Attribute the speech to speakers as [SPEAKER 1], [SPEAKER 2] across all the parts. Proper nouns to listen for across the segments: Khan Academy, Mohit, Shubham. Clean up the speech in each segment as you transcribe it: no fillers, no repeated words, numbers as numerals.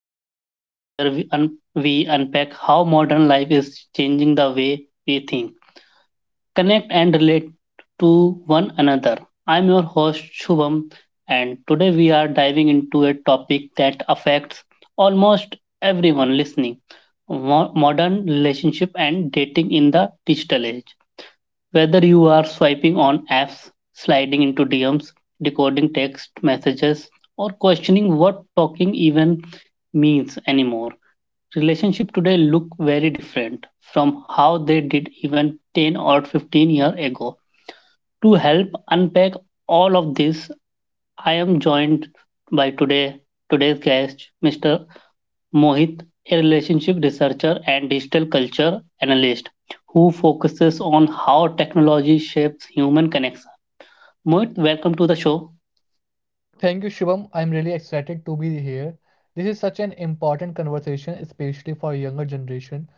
[SPEAKER 1] the podcast where we unpack how modern life is changing the way we think, connect, and relate to one another. I'm your host, Shubham, and today we are diving into a topic that affects almost everyone listening modern relationship and dating in the digital age. Whether you are swiping on apps, sliding into DMs, decoding text messages, or questioning what talking even means anymore, relationships today look very different from how they did even 10 or 15 years ago. To help unpack all of this, I am joined by today's guest, Mr. Mohit, a relationship researcher and digital culture analyst who focuses on how technology shapes human connection. Mohit, welcome to the show.
[SPEAKER 2] Thank you, Shubham. I'm really excited to be here. This is such an important conversation, especially for younger generation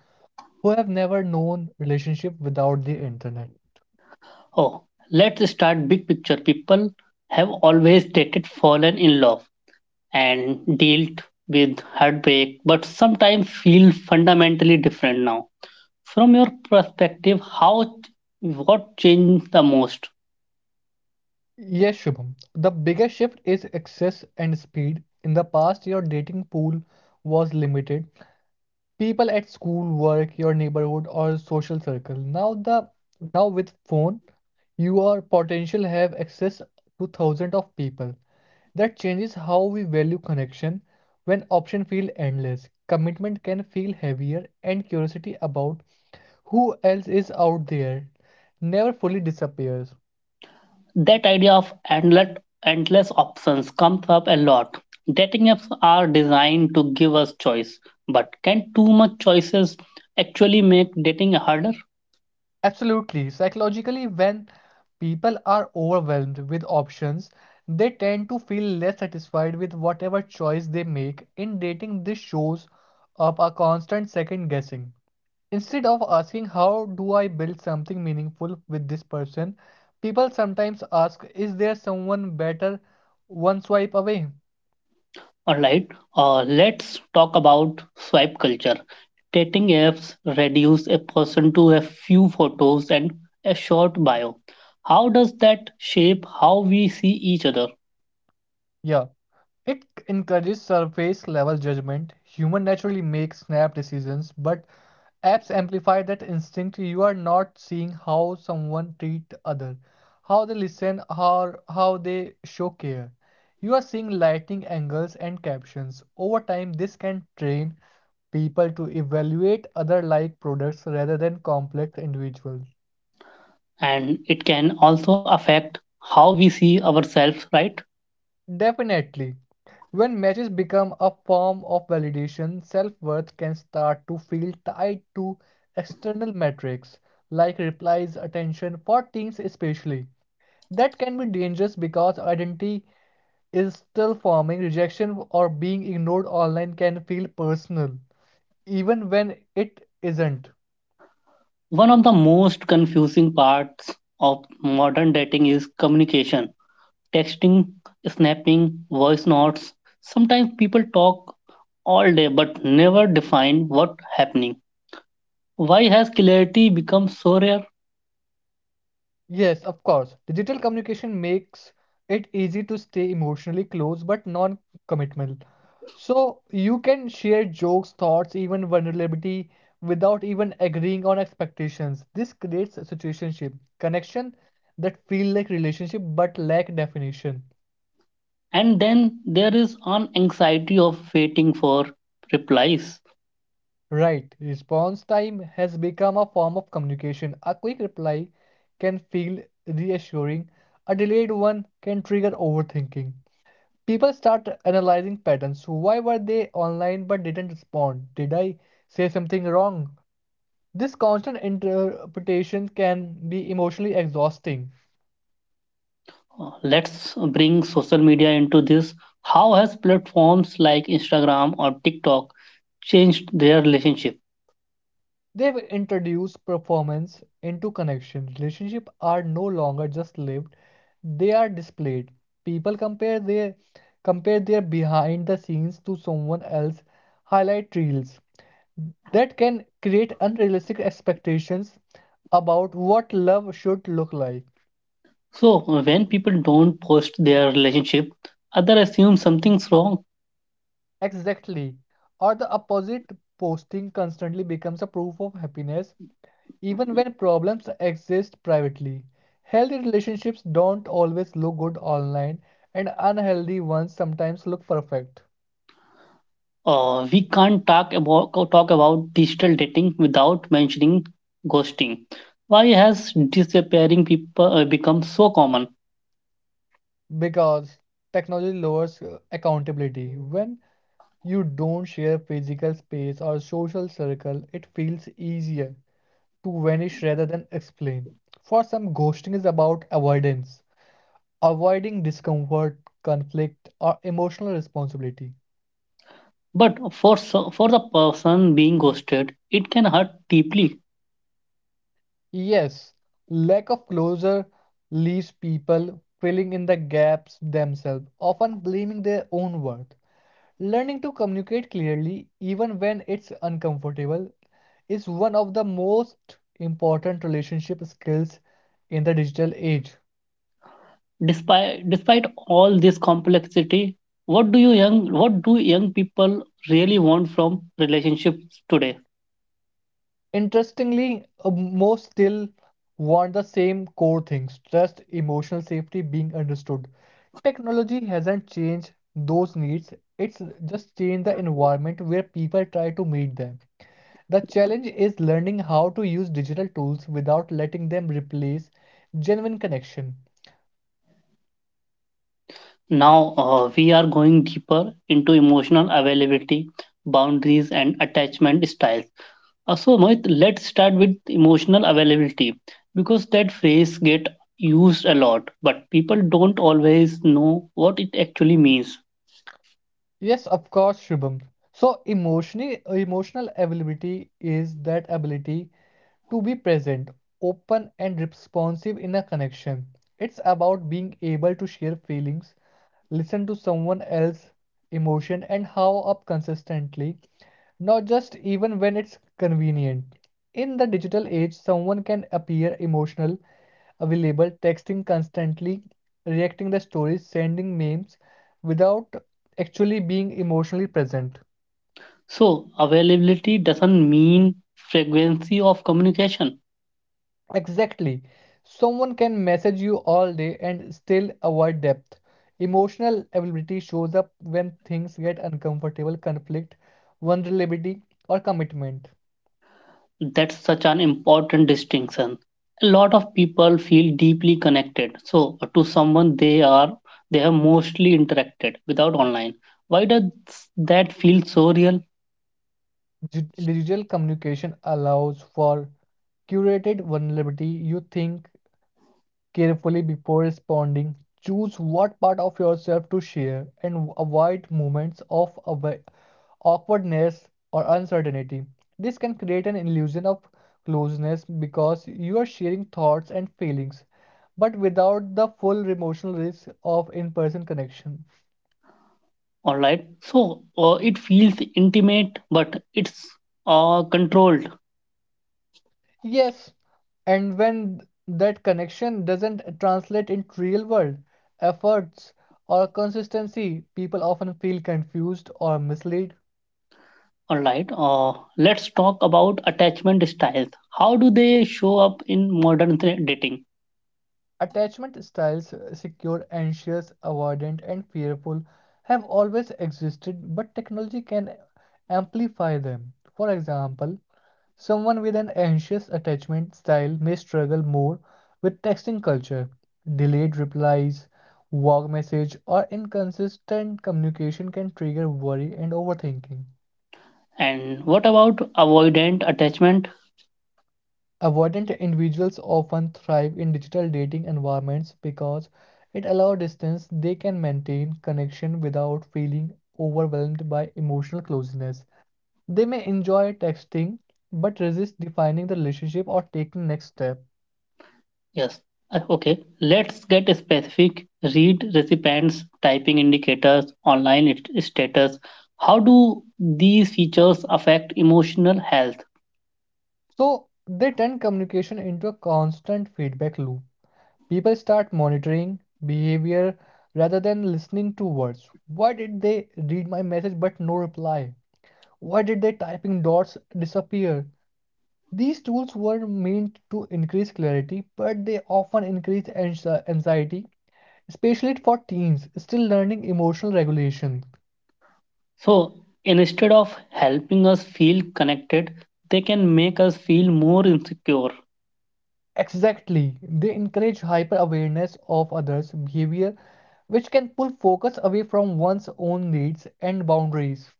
[SPEAKER 2] who have never known relationship without the internet.
[SPEAKER 1] Oh, let's start big picture. People have always dated, fallen in love, and dealt with heartbreak, but sometimes feel fundamentally different now. From your perspective, how what changed the most?
[SPEAKER 2] Yes, Shubham. The biggest shift is access and speed. In the past, your dating pool was limited. People at school, work, your neighborhood, or social circle. Now with phone, you are potential have access to thousands of people. That changes how we value connection. When options feel endless, commitment can feel heavier, and curiosity about who else is out there never fully disappears.
[SPEAKER 1] That idea of endless options comes up a lot. Dating apps are designed to give us choice, but can too much choices actually make dating harder?
[SPEAKER 2] Absolutely. Psychologically, when people are overwhelmed with options, they tend to feel less satisfied with whatever choice they make. In dating, this shows up a constant second guessing. Instead of asking, how do I build something meaningful with this person? People sometimes ask, is there someone better one swipe away?
[SPEAKER 1] Alright, let's talk about swipe culture. Dating apps reduce a person to a few photos and a short bio. How does that shape how we see each other?
[SPEAKER 2] Yeah, it encourages surface level judgment. Human naturally make snap decisions, but apps amplify that instinct. You are not seeing how someone treat other, how they listen, or how they show care. You are seeing lighting angles and captions. Over time, this can train people to evaluate other like products rather than complex individuals.
[SPEAKER 1] And it can also affect how we see ourselves, right?
[SPEAKER 2] Definitely. When matches become a form of validation, self worth can start to feel tied to external metrics like replies, attention, for teens especially. That can be dangerous because identity is still forming. Rejection or being ignored online can feel personal, even when it isn't.
[SPEAKER 1] One of the most confusing parts of modern dating is communication. Texting, snapping, voice notes. Sometimes people talk all day but never define what's happening. Why has clarity become so rare?
[SPEAKER 2] Yes, of course. Digital communication makes it easy to stay emotionally close but non-committal. So you can share jokes, thoughts, even vulnerability without even agreeing on expectations. This creates a situationship, connection that feel like relationship but lack definition.
[SPEAKER 1] And then there is an anxiety of waiting for replies.
[SPEAKER 2] Right. Response time has become a form of communication. A quick reply can feel reassuring. A delayed one can trigger overthinking. People start analyzing patterns. Why were they online but didn't respond? Did I say something wrong? This constant interpretation can be emotionally exhausting.
[SPEAKER 1] Let's bring social media into this. How has platforms like Instagram or TikTok changed their relationship?
[SPEAKER 2] They've introduced performance into connection. Relationships are no longer just lived, they are displayed. People compare their behind the scenes to someone else's highlight reels. That can create unrealistic expectations about what love should look like.
[SPEAKER 1] So, when people don't post their relationship, other assume something's wrong.
[SPEAKER 2] Exactly. Or the opposite, posting constantly becomes a proof of happiness, even when problems exist privately. Healthy relationships don't always look good online, and unhealthy ones sometimes look perfect
[SPEAKER 1] We can't talk about digital dating without mentioning ghosting. Why has disappearing people become so common?
[SPEAKER 2] because technology lowers accountability. When you don't share physical space or social circle, it feels easier to vanish rather than explain. For some, ghosting is about avoidance: avoiding discomfort, conflict, or emotional responsibility.
[SPEAKER 1] But for for the person being ghosted, it can hurt deeply.
[SPEAKER 2] Yes, lack of closure leaves people filling in the gaps themselves, often blaming their own worth. Learning to communicate clearly, even when it's uncomfortable, is one of the most important relationship skills in the digital age.
[SPEAKER 1] Despite all this complexity, what do young people really want from relationships today?
[SPEAKER 2] Interestingly, most still want the same core things: trust, emotional safety being understood. Technology hasn't changed those needs, it's just changed the environment where people try to meet them. The challenge is learning how to use digital tools without letting them replace genuine connection.
[SPEAKER 1] Now we are going deeper into emotional availability, boundaries, and attachment styles. So Mohit, let's start with emotional availability because that phrase get used a lot, but people don't always know what it actually means.
[SPEAKER 2] Yes, of course, Shubham. So emotional availability is that ability to be present, open, and responsive in a connection. It's about being able to share feelings, listen to someone else's emotion, and how up consistently, not just even when it's convenient. In the digital age, someone can appear emotional, available, texting constantly, reacting to stories, sending memes without actually being emotionally present.
[SPEAKER 1] So availability doesn't mean frequency of communication.
[SPEAKER 2] Exactly. Someone can message you all day and still avoid depth. Emotional availability shows up when things get uncomfortable, conflict, vulnerability, or commitment.
[SPEAKER 1] That's such an important distinction. A lot of people feel deeply connected to someone they have mostly interacted without online. Why does that feel so real?
[SPEAKER 2] Digital communication allows for curated vulnerability. You think carefully before responding. Choose what part of yourself to share and avoid moments of awkwardness or uncertainty. This can create an illusion of closeness because you are sharing thoughts and feelings, but without the full emotional risk of in person connection.
[SPEAKER 1] All right, so it feels intimate, but it's controlled.
[SPEAKER 2] Yes, and when that connection doesn't translate into real world efforts or consistency, people often feel confused or misled.
[SPEAKER 1] All right, let's talk about attachment styles. How do they show up in modern dating?
[SPEAKER 2] Attachment styles, secure, anxious, avoidant, and fearful have always existed, but technology can amplify them. For example, someone with an anxious attachment style may struggle more with texting culture, delayed replies, vague message, or inconsistent communication can trigger worry and overthinking.
[SPEAKER 1] And what about avoidant attachment?
[SPEAKER 2] Avoidant individuals often thrive in digital dating environments because it allows distance they can maintain connection without feeling overwhelmed by emotional closeness. They may enjoy texting but resist defining the relationship or taking next step.
[SPEAKER 1] Yes. Okay. Let's get specific. Read recipients, typing indicators, status. How do these features affect emotional health?
[SPEAKER 2] So they turn communication into a constant feedback loop. People start monitoring behavior rather than listening to words. Why did they read my message but no reply? Why did they typing dots disappear? These tools were meant to increase clarity, but they often increase anxiety, especially for teens still learning emotional regulation.
[SPEAKER 1] So instead of helping us feel connected, they can make us feel more insecure.
[SPEAKER 2] Exactly, they encourage hyper awareness of others' behavior, which can pull focus away from one's own needs and boundaries.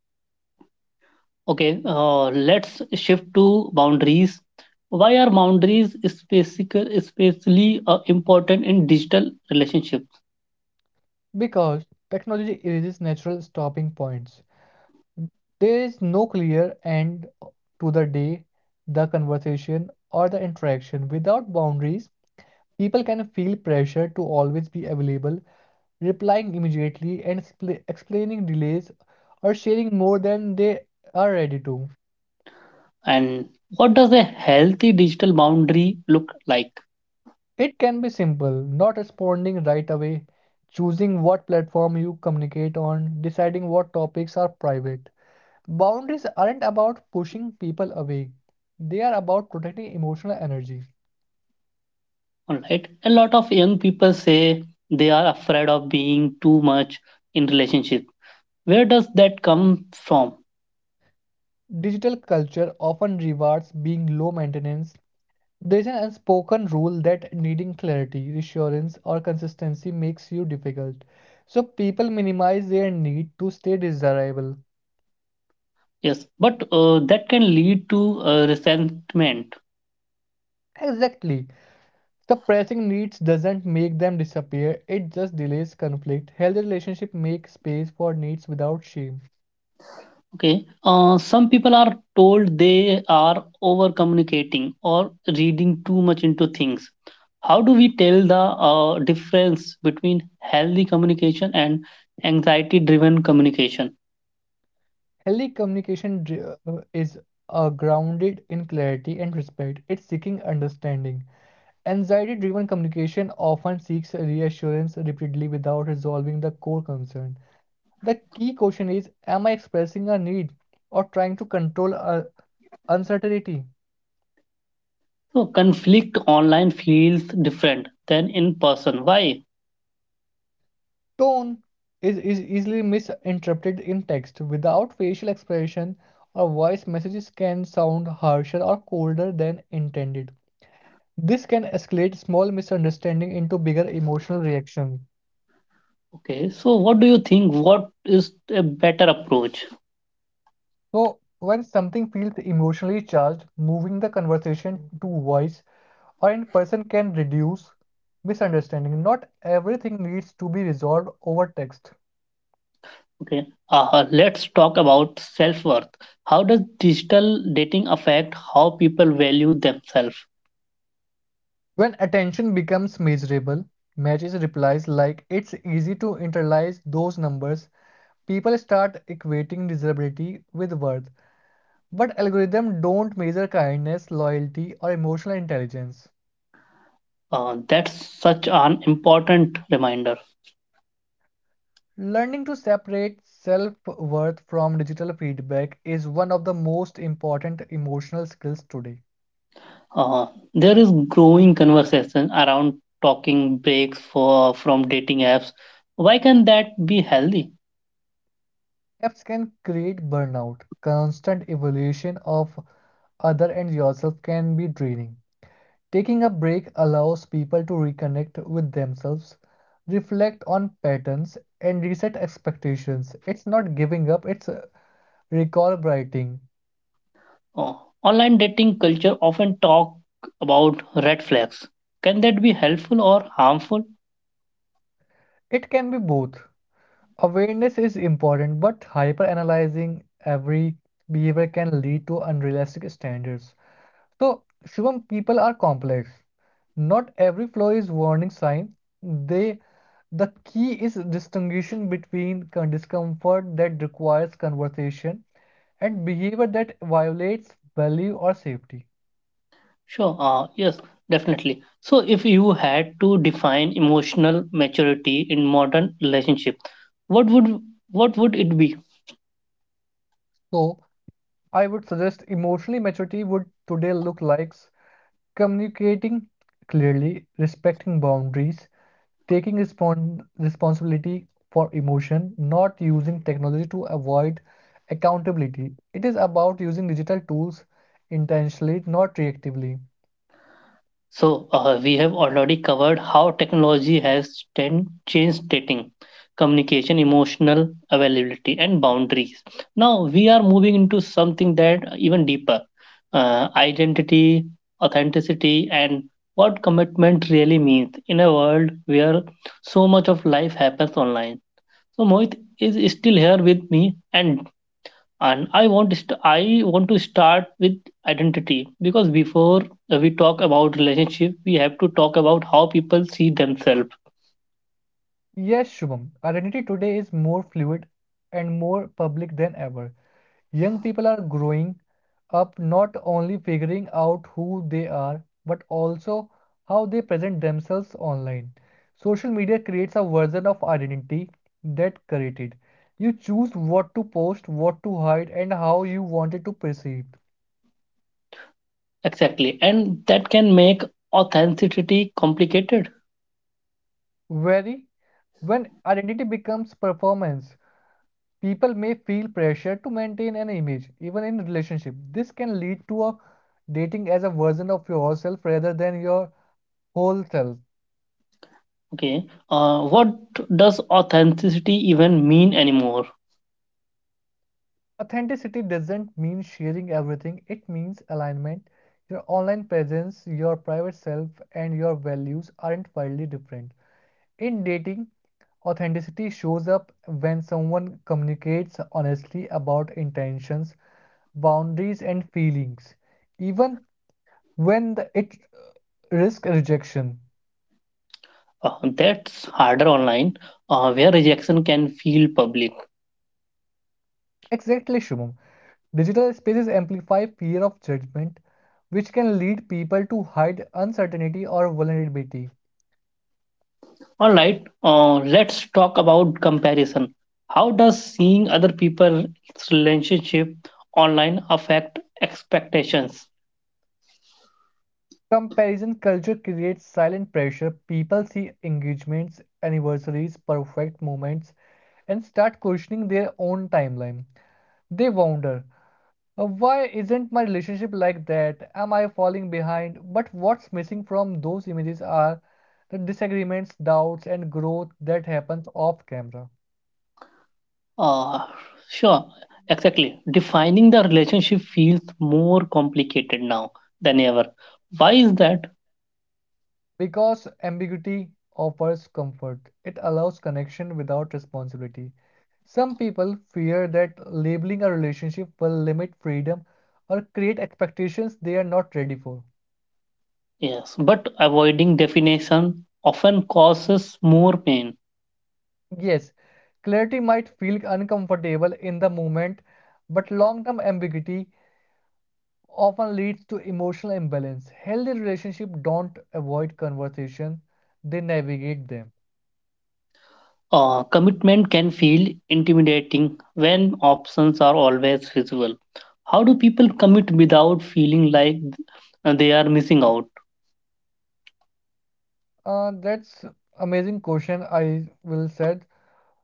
[SPEAKER 1] Okay. Let's shift to boundaries. Why are boundaries especially important in digital relationships?
[SPEAKER 2] Because technology erases natural stopping points, there is no clear end to the day, the conversation, or the interaction. Without boundaries, people can feel pressure to always be available, replying immediately, and explaining delays or sharing more than they are ready to.
[SPEAKER 1] And what does a healthy digital boundary look like?
[SPEAKER 2] It can be simple, not responding right away, choosing what platform you communicate on, deciding what topics are private. Boundaries aren't about pushing people away, they are about protecting emotional energy.
[SPEAKER 1] All right. A lot of young people say they are afraid of being too much in relationship. Where does that come from?
[SPEAKER 2] Digital culture often rewards being low maintenance. There's an unspoken rule that needing clarity, reassurance, or consistency makes you difficult. So people minimize their need to stay desirable.
[SPEAKER 1] Yes, but that can lead to resentment.
[SPEAKER 2] Exactly. Suppressing needs doesn't make them disappear, it just delays conflict. Healthy relationships make space for needs without shame.
[SPEAKER 1] Okay. Some people are told they are over communicating or reading too much into things. How do we tell the difference between healthy communication and anxiety driven communication?
[SPEAKER 2] Healthy communication is grounded in clarity and respect, it's seeking understanding. Anxiety driven communication often seeks reassurance repeatedly without resolving the core concern. The key question is, am I expressing a need or trying to control a uncertainty?
[SPEAKER 1] So conflict online feels different than in person. Why?
[SPEAKER 2] Tone is easily misinterpreted in text. Without facial expression or voice, messages can sound harsher or colder than intended. This can escalate small misunderstanding into bigger emotional reactions.
[SPEAKER 1] Okay, so what do you think? What is a better approach?
[SPEAKER 2] So, when something feels emotionally charged, moving the conversation to voice or in person can reduce misunderstanding. Not everything needs to be resolved over text.
[SPEAKER 1] Okay, let's talk about self worth. How does digital dating affect how people value themselves?
[SPEAKER 2] When attention becomes measurable, matches replies like it's easy to internalize those numbers. People start equating desirability with worth, but algorithms don't measure kindness, loyalty, or emotional intelligence.
[SPEAKER 1] That's such an important reminder.
[SPEAKER 2] Learning to separate self worth from digital feedback is one of the most important emotional skills today.
[SPEAKER 1] Uh, there is growing conversation around talking breaks for from dating apps. Why can that be healthy?
[SPEAKER 2] Gaps can create burnout. Constant evaluation of other and yourself can be draining. Taking a break allows people to reconnect with themselves, reflect on patterns, and reset expectations. It's not giving up, it's recalibrating.
[SPEAKER 1] Oh, online dating culture often talk about red flags. Can that be helpful or harmful?
[SPEAKER 2] It can be both. Awareness is important, but hyper analyzing every behavior can lead to unrealistic standards. So, Shivam, people are complex. Not every flaw is warning sign. They, the key is distinguishing between discomfort that requires conversation and behavior that violates value or safety.
[SPEAKER 1] Sure. Yes, definitely. So, if you had to define emotional maturity in modern relationship, what would what would it be?
[SPEAKER 2] So, I would suggest emotionally maturity would today look like communicating clearly, respecting boundaries, taking responsibility for emotion, not using technology to avoid accountability. It is about using digital tools intentionally, not reactively.
[SPEAKER 1] So, we have already covered how technology has ten, changed dating, communication, emotional availability, and boundaries. Now, we are moving into something that even deeper: identity, authenticity, and what commitment really means in a world where so much of life happens online. So Mohit is still here with me, and I want to I want to start with identity because before we talk about relationship, we have to talk about how people see themselves
[SPEAKER 2] Yes, Shubham, identity today is more fluid and more public than ever. Young people are growing up not only figuring out who they are, but also how they present themselves online. Social media creates a version of identity that created. You choose what to post, what to hide, and how you want it to perceive.
[SPEAKER 1] exactly, and that can make authenticity complicated.
[SPEAKER 2] Very when identity becomes performance, people may feel pressure to maintain an image, even in relationship. This can lead to a dating as a version of yourself rather than your whole self.
[SPEAKER 1] Okay, what does authenticity even mean anymore?
[SPEAKER 2] Authenticity doesn't mean sharing everything, it means alignment. Your online presence, your private self, and your values aren't wildly different. In dating, authenticity shows up when someone communicates honestly about intentions, boundaries, and feelings, even when the, it risks rejection.
[SPEAKER 1] Uh, that's harder online, where rejection can feel public.
[SPEAKER 2] Exactly, Shumam. Digital spaces amplify fear of judgment, which can lead people to hide uncertainty or vulnerability.
[SPEAKER 1] All right, let's talk about comparison. How does seeing other people's relationship online affect expectations?
[SPEAKER 2] Comparison culture creates silent pressure. People see engagements, anniversaries, perfect moments, and start questioning their own timeline. They wonder, "Why isn't my relationship like that? Am I falling behind?" But what's missing from those images are the disagreements, doubts, and growth that happens off camera.
[SPEAKER 1] Uh, sure, exactly. Defining the relationship feels more complicated now than ever. Why is that?
[SPEAKER 2] Because ambiguity offers comfort, it allows connection without responsibility. Some people fear that labeling a relationship will limit freedom or create expectations they are not ready for.
[SPEAKER 1] Yes, but avoiding definition often causes more pain.
[SPEAKER 2] Yes, clarity might feel uncomfortable in the moment, but long term ambiguity often leads to emotional imbalance. Healthy relationships don't avoid conversation, they navigate them.
[SPEAKER 1] Commitment can feel intimidating when options are always visible. How do people commit without feeling like they are missing out?
[SPEAKER 2] That's amazing question I will said.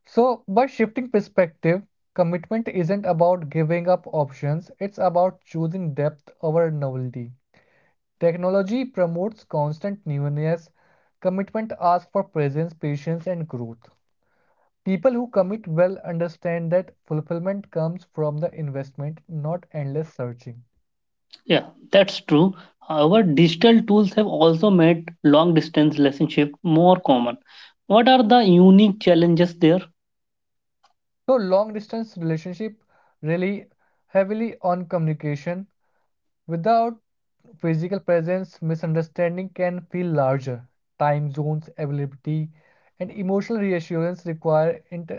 [SPEAKER 2] So, by shifting perspective, commitment isn't about giving up options, it's about choosing depth over novelty. Technology promotes constant newness. Commitment asks for presence, patience, and growth. People who commit well understand that fulfillment comes from the investment, not endless searching.
[SPEAKER 1] Yeah, that's true. However, digital tools have also made long distance relationship more common. What are the unique challenges there?
[SPEAKER 2] So, long distance relationship really heavily on communication. Without physical presence, misunderstanding can feel larger. Time zones, availability, and emotional reassurance require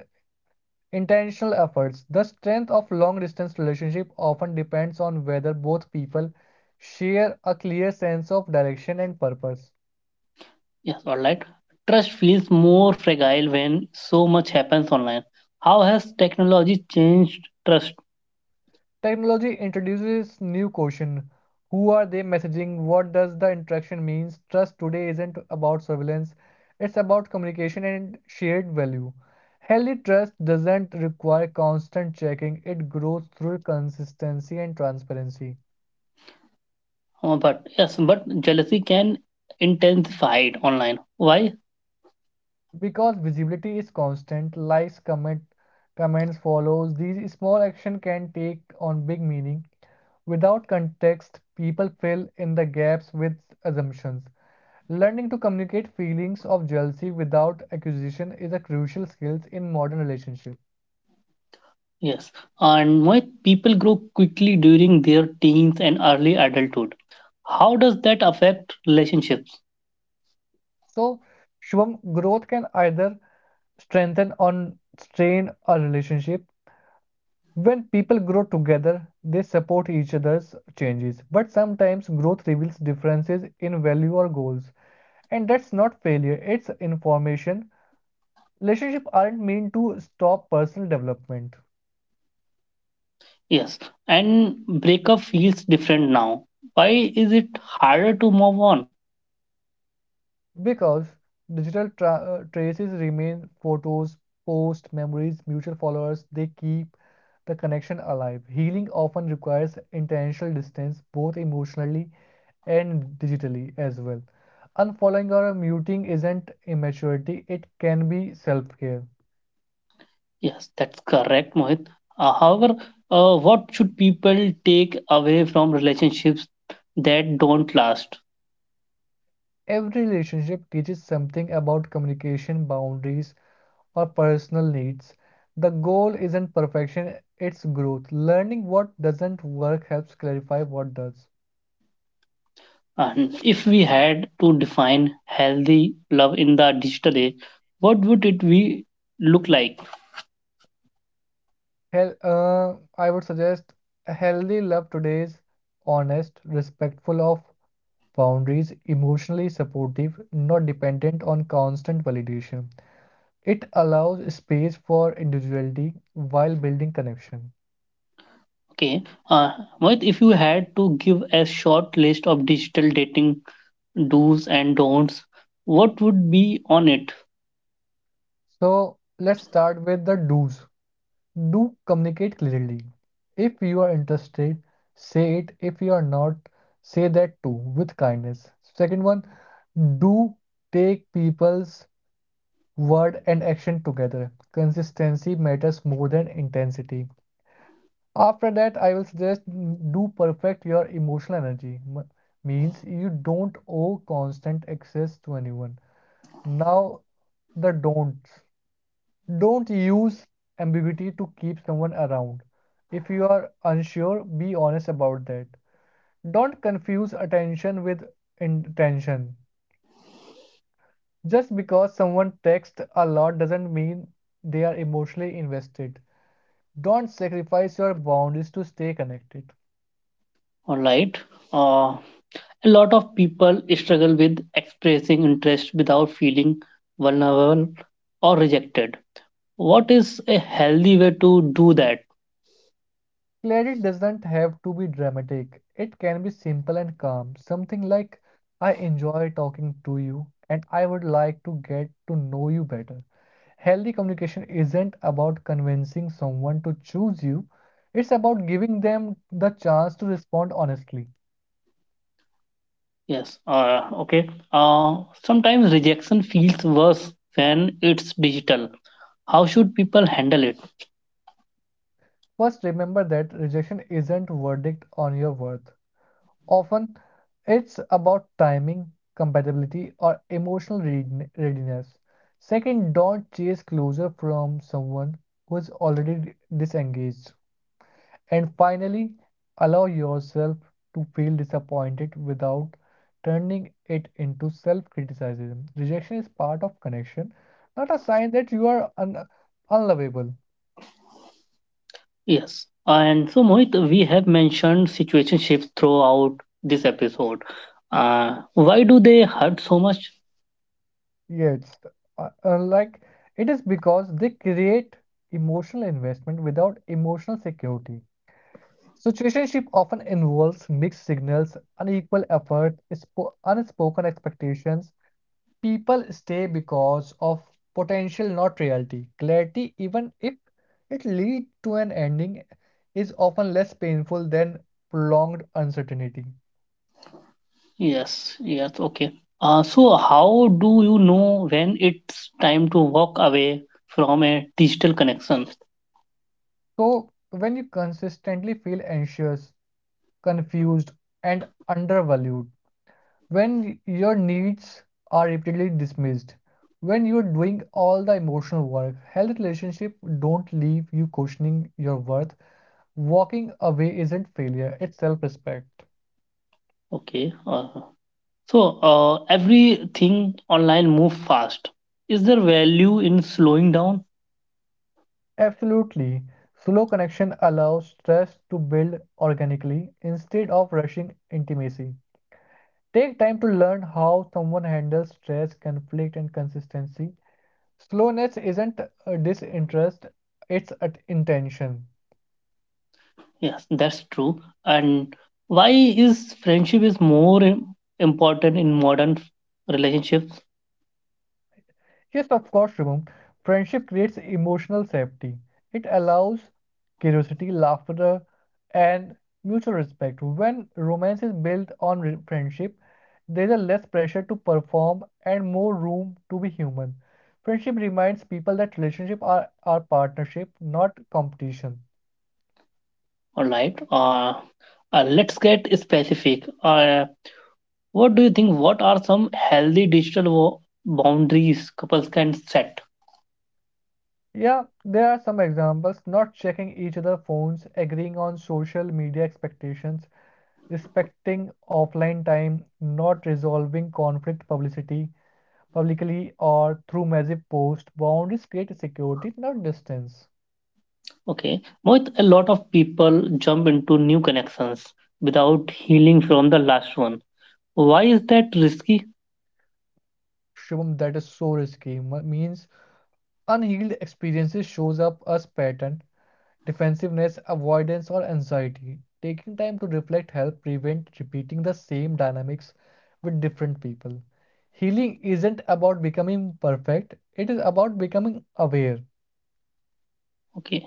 [SPEAKER 2] intentional efforts. The strength of long distance relationship often depends on whether both people share a clear sense of direction and purpose.
[SPEAKER 1] Yes, all right. Trust feels more fragile when so much happens online. How has technology changed trust?
[SPEAKER 2] Technology introduces new question. Who are they messaging? What does the interaction means? Trust today isn't about surveillance. It's about communication and shared value. Healthy trust doesn't require constant checking. It grows through consistency and transparency.
[SPEAKER 1] But yes, but jealousy can intensify it online. Why?
[SPEAKER 2] Because visibility is constant, likes, comments follows. These small actions can take on big meaning. Without context, people fill in the gaps with assumptions. Learning to communicate feelings of jealousy without accusation is a crucial skill in modern relationships.
[SPEAKER 1] Yes, and why people grow quickly during their teens and early adulthood. How does that affect relationships?
[SPEAKER 2] So, Shubham, growth can either strengthen or strain a relationship. When people grow together, they support each other's changes. But sometimes growth reveals differences in value or goals. And that's not failure, it's information. Relationships aren't meant to stop personal development.
[SPEAKER 1] Yes, and breakup feels different now. Why is it harder to move on?
[SPEAKER 2] Because digital tra traces remain photos, posts, memories, mutual followers, they keep the connection alive. Healing often requires intentional distance, both emotionally and digitally as well. Unfollowing or muting isn't immaturity, it can be self care.
[SPEAKER 1] Yes, that's correct, Mohit. However, what should people take away from relationships that don't last?
[SPEAKER 2] Every relationship teaches something about communication, boundaries, or personal needs. The goal isn't perfection, it's growth. Learning what doesn't work helps clarify what does.
[SPEAKER 1] And if we had to define healthy love in the digital age, what would it be look like?
[SPEAKER 2] I would suggest healthy love today is honest, respectful of boundaries, emotionally supportive, not dependent on constant validation. It allows space for individuality while building connection.
[SPEAKER 1] Okay, uh, Mohit, if you had to give a short list of digital dating do's and don'ts, what would be on it?
[SPEAKER 2] So let's start with the do's. Do communicate clearly. If you are interested, say it. If you are not, say that too with kindness. Second one, do take people's word and action together. Consistency matters more than intensity. After that, I will suggest do perfect your emotional energy. M- means you don't owe constant access to anyone. Now, the don'ts. Don't use ambiguity to keep someone around. If you are unsure, be honest about that. Don't confuse attention with intention. Just because someone texts a lot doesn't mean they are emotionally invested. Don't sacrifice your boundaries to stay connected.
[SPEAKER 1] All right. Uh, a lot of people struggle with expressing interest without feeling vulnerable or rejected. What is a healthy way to do that?
[SPEAKER 2] Clarity doesn't have to be dramatic, it can be simple and calm. Something like, I enjoy talking to you and I would like to get to know you better. Healthy communication isn't about convincing someone to choose you, it's about giving them the chance to respond honestly.
[SPEAKER 1] Yes. Okay. Sometimes rejection feels worse when it's digital. How should people handle it?
[SPEAKER 2] First, remember that rejection isn't verdict on your worth. Often, it's about timing, compatibility, or emotional readiness. Second, don't chase closure from someone who is already disengaged. And finally, allow yourself to feel disappointed without turning it into self criticism. Rejection is part of connection, not a sign that you are unlovable.
[SPEAKER 1] Yes. And so, Mohit, we have mentioned situationships throughout this episode. Why do they hurt so much?
[SPEAKER 2] Yes, like it is because they create emotional investment without emotional security. Situationship often involves mixed signals, unequal effort, unspoken expectations, people stay because of potential, not reality. Clarity, even if it leads to an ending, is often less painful than prolonged uncertainty.
[SPEAKER 1] Yes. Yes. Okay. So, how do you know when it's time to walk away from a digital connection?
[SPEAKER 2] So, when you consistently feel anxious, confused, and undervalued, when your needs are repeatedly dismissed, when you're doing all the emotional work, healthy relationships don't leave you questioning your worth. Walking away isn't failure, it's self respect.
[SPEAKER 1] Okay. So everything online move fast. Is there value in slowing down?
[SPEAKER 2] Absolutely. Slow connection allows trust to build organically instead of rushing intimacy. Take time to learn how someone handles stress, conflict, and consistency. Slowness isn't a disinterest, it's an intention.
[SPEAKER 1] Yes, that's true. And why is friendship is more important in modern relationships?
[SPEAKER 2] Yes, of course, Shubham. Friendship creates emotional safety. It allows curiosity, laughter, and mutual respect. When romance is built on friendship, there is less pressure to perform and more room to be human. Friendship reminds people that relationships are partnership, not competition.
[SPEAKER 1] All right. Let's get specific. What do you think? What are some healthy digital boundaries couples can set?
[SPEAKER 2] Yeah, there are some examples not checking each other's phones, agreeing on social media expectations, respecting offline time, not resolving conflict publicity publicly or through massive posts. Boundaries create security, not distance.
[SPEAKER 1] Okay, Mohit, a lot of people jump into new connections without healing from the last one. Why is that risky?
[SPEAKER 2] Shubham, that is so risky. M- means unhealed experiences shows up as pattern, defensiveness, avoidance, or anxiety. Taking time to reflect help prevent repeating the same dynamics with different people. Healing isn't about becoming perfect, it is about becoming aware.
[SPEAKER 1] Okay,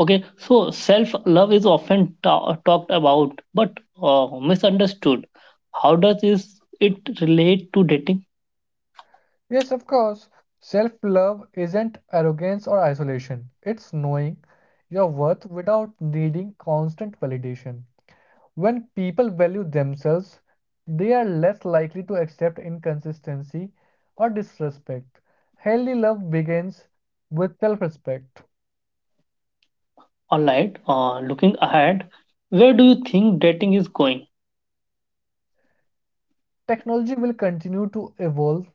[SPEAKER 1] okay. So self-love is often talked about, but misunderstood. How does is it relate to dating?
[SPEAKER 2] Yes, of course. Self-love isn't arrogance or isolation. It's knowing your worth without needing constant validation. When people value themselves, they are less likely to accept inconsistency or disrespect. Healthy love begins with self-respect.
[SPEAKER 1] All right. Looking ahead, where do you think dating is going?
[SPEAKER 2] Technology will continue to evolve,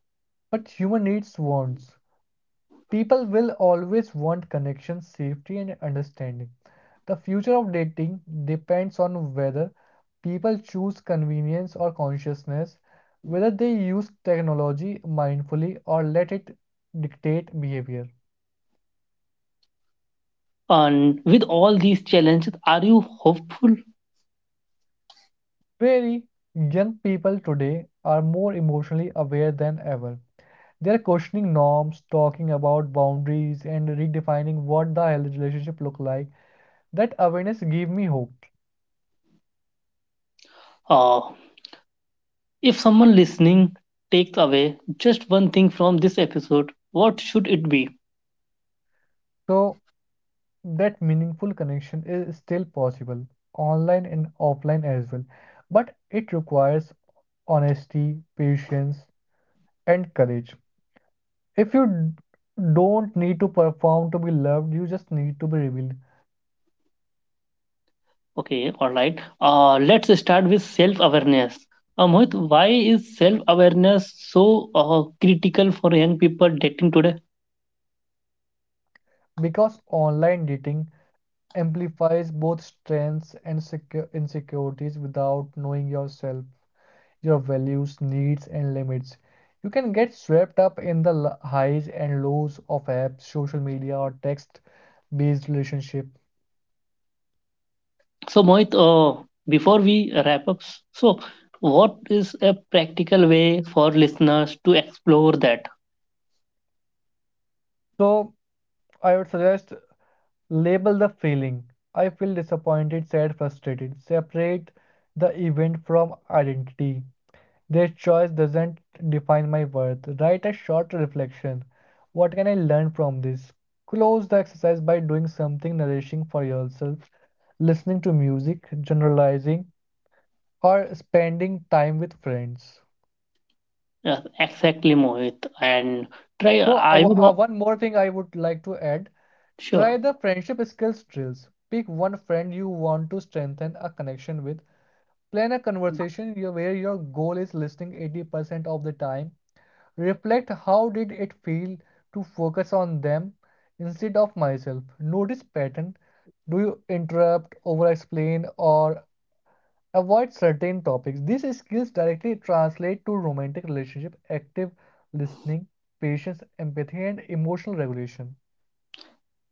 [SPEAKER 2] but human needs won't. People will always want connection, safety, and understanding. The future of dating depends on whether people choose convenience or consciousness, whether they use technology mindfully or let it dictate behavior.
[SPEAKER 1] And with all these challenges, are you hopeful?
[SPEAKER 2] Very young people today are more emotionally aware than ever. They are questioning norms, talking about boundaries, and redefining what the healthy relationship look like. That awareness gave me hope.
[SPEAKER 1] Uh, if someone listening takes away just one thing from this episode, what should it be?
[SPEAKER 2] So that meaningful connection is still possible online and offline as well, but it requires honesty, patience, and courage. If you don't need to perform to be loved, you just need to be revealed.
[SPEAKER 1] Okay, all right. Let's start with self awareness. Mohit, why is self awareness so critical for young people dating today?
[SPEAKER 2] Because online dating amplifies both strengths and insecurities. Without knowing yourself, your values, needs, and limits, you can get swept up in the highs and lows of apps, social media, or text based relationship.
[SPEAKER 1] So, Mohit, before we wrap up, so what is a practical way for listeners to explore that?
[SPEAKER 2] So, I would suggest label the feeling. I feel disappointed, sad, frustrated. Separate the event from identity. This choice doesn't define my worth. Write a short reflection. What can I learn from this? Close the exercise by doing something nourishing for yourself, listening to music, generalizing, or spending time with friends.
[SPEAKER 1] Yes, exactly, Mohit. And try,
[SPEAKER 2] So,
[SPEAKER 1] I would, wa-
[SPEAKER 2] one more thing I would like to add,
[SPEAKER 1] sure.
[SPEAKER 2] try the friendship skills drills. Pick one friend you want to strengthen a connection with. Plan a conversation where your goal is listening 80% of the time. Reflect how did it feel to focus on them instead of myself. Notice pattern. Do you interrupt, over explain, or avoid certain topics? These skills directly translate to romantic relationship, active listening, patience, empathy, and emotional regulation.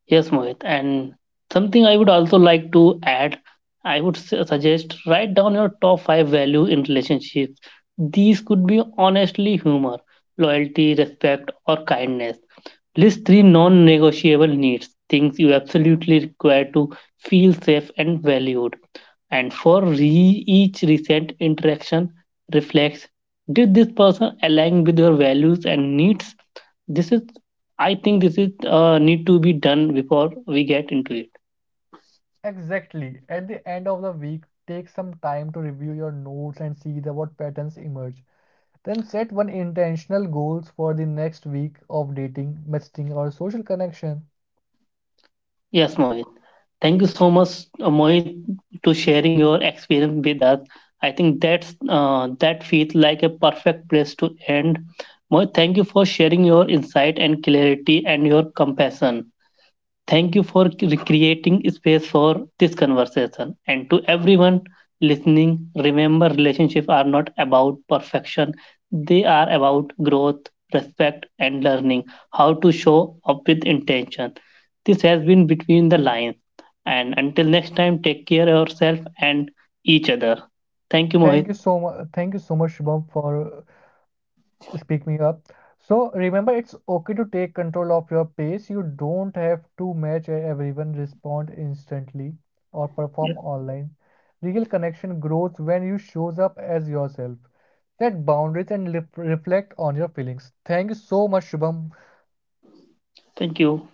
[SPEAKER 1] Yes, Mohit. And something I would also like to add, I would suggest write down your top five value in relationships. These could be honestly humor, loyalty, respect, or kindness. List three non negotiable needs, things you absolutely require to feel safe and valued. And for each recent interaction, reflects did this person align with your values and needs? This is, this is need to be done before we get into it.
[SPEAKER 2] Exactly. At the end of the week, take some time to review your notes and see the what patterns emerge. Then set one intentional goals for the next week of dating, messaging, or social connection.
[SPEAKER 1] Yes, Mohit. Thank you so much, Mohit, to sharing your experience with us. I think that feels like a perfect place to end. Mohit, thank you for sharing your insight and clarity and your compassion. Thank you for creating space for this conversation. And to everyone listening, remember relationships are not about perfection, they are about growth, respect, and learning how to show up with intention. This has been Between the Lines. And until next time, take care of yourself and each other. Thank you,
[SPEAKER 2] Thank
[SPEAKER 1] Mohit.
[SPEAKER 2] you so much. Thank you so much, Shubham, for speak me up. So remember, it's okay to take control of your pace. You don't have to match everyone, respond instantly, or perform
[SPEAKER 1] Yes.
[SPEAKER 2] online. Real connection grows when you shows up as yourself. Set boundaries and reflect on your feelings. Thank you so much, Shubham.
[SPEAKER 1] Thank you.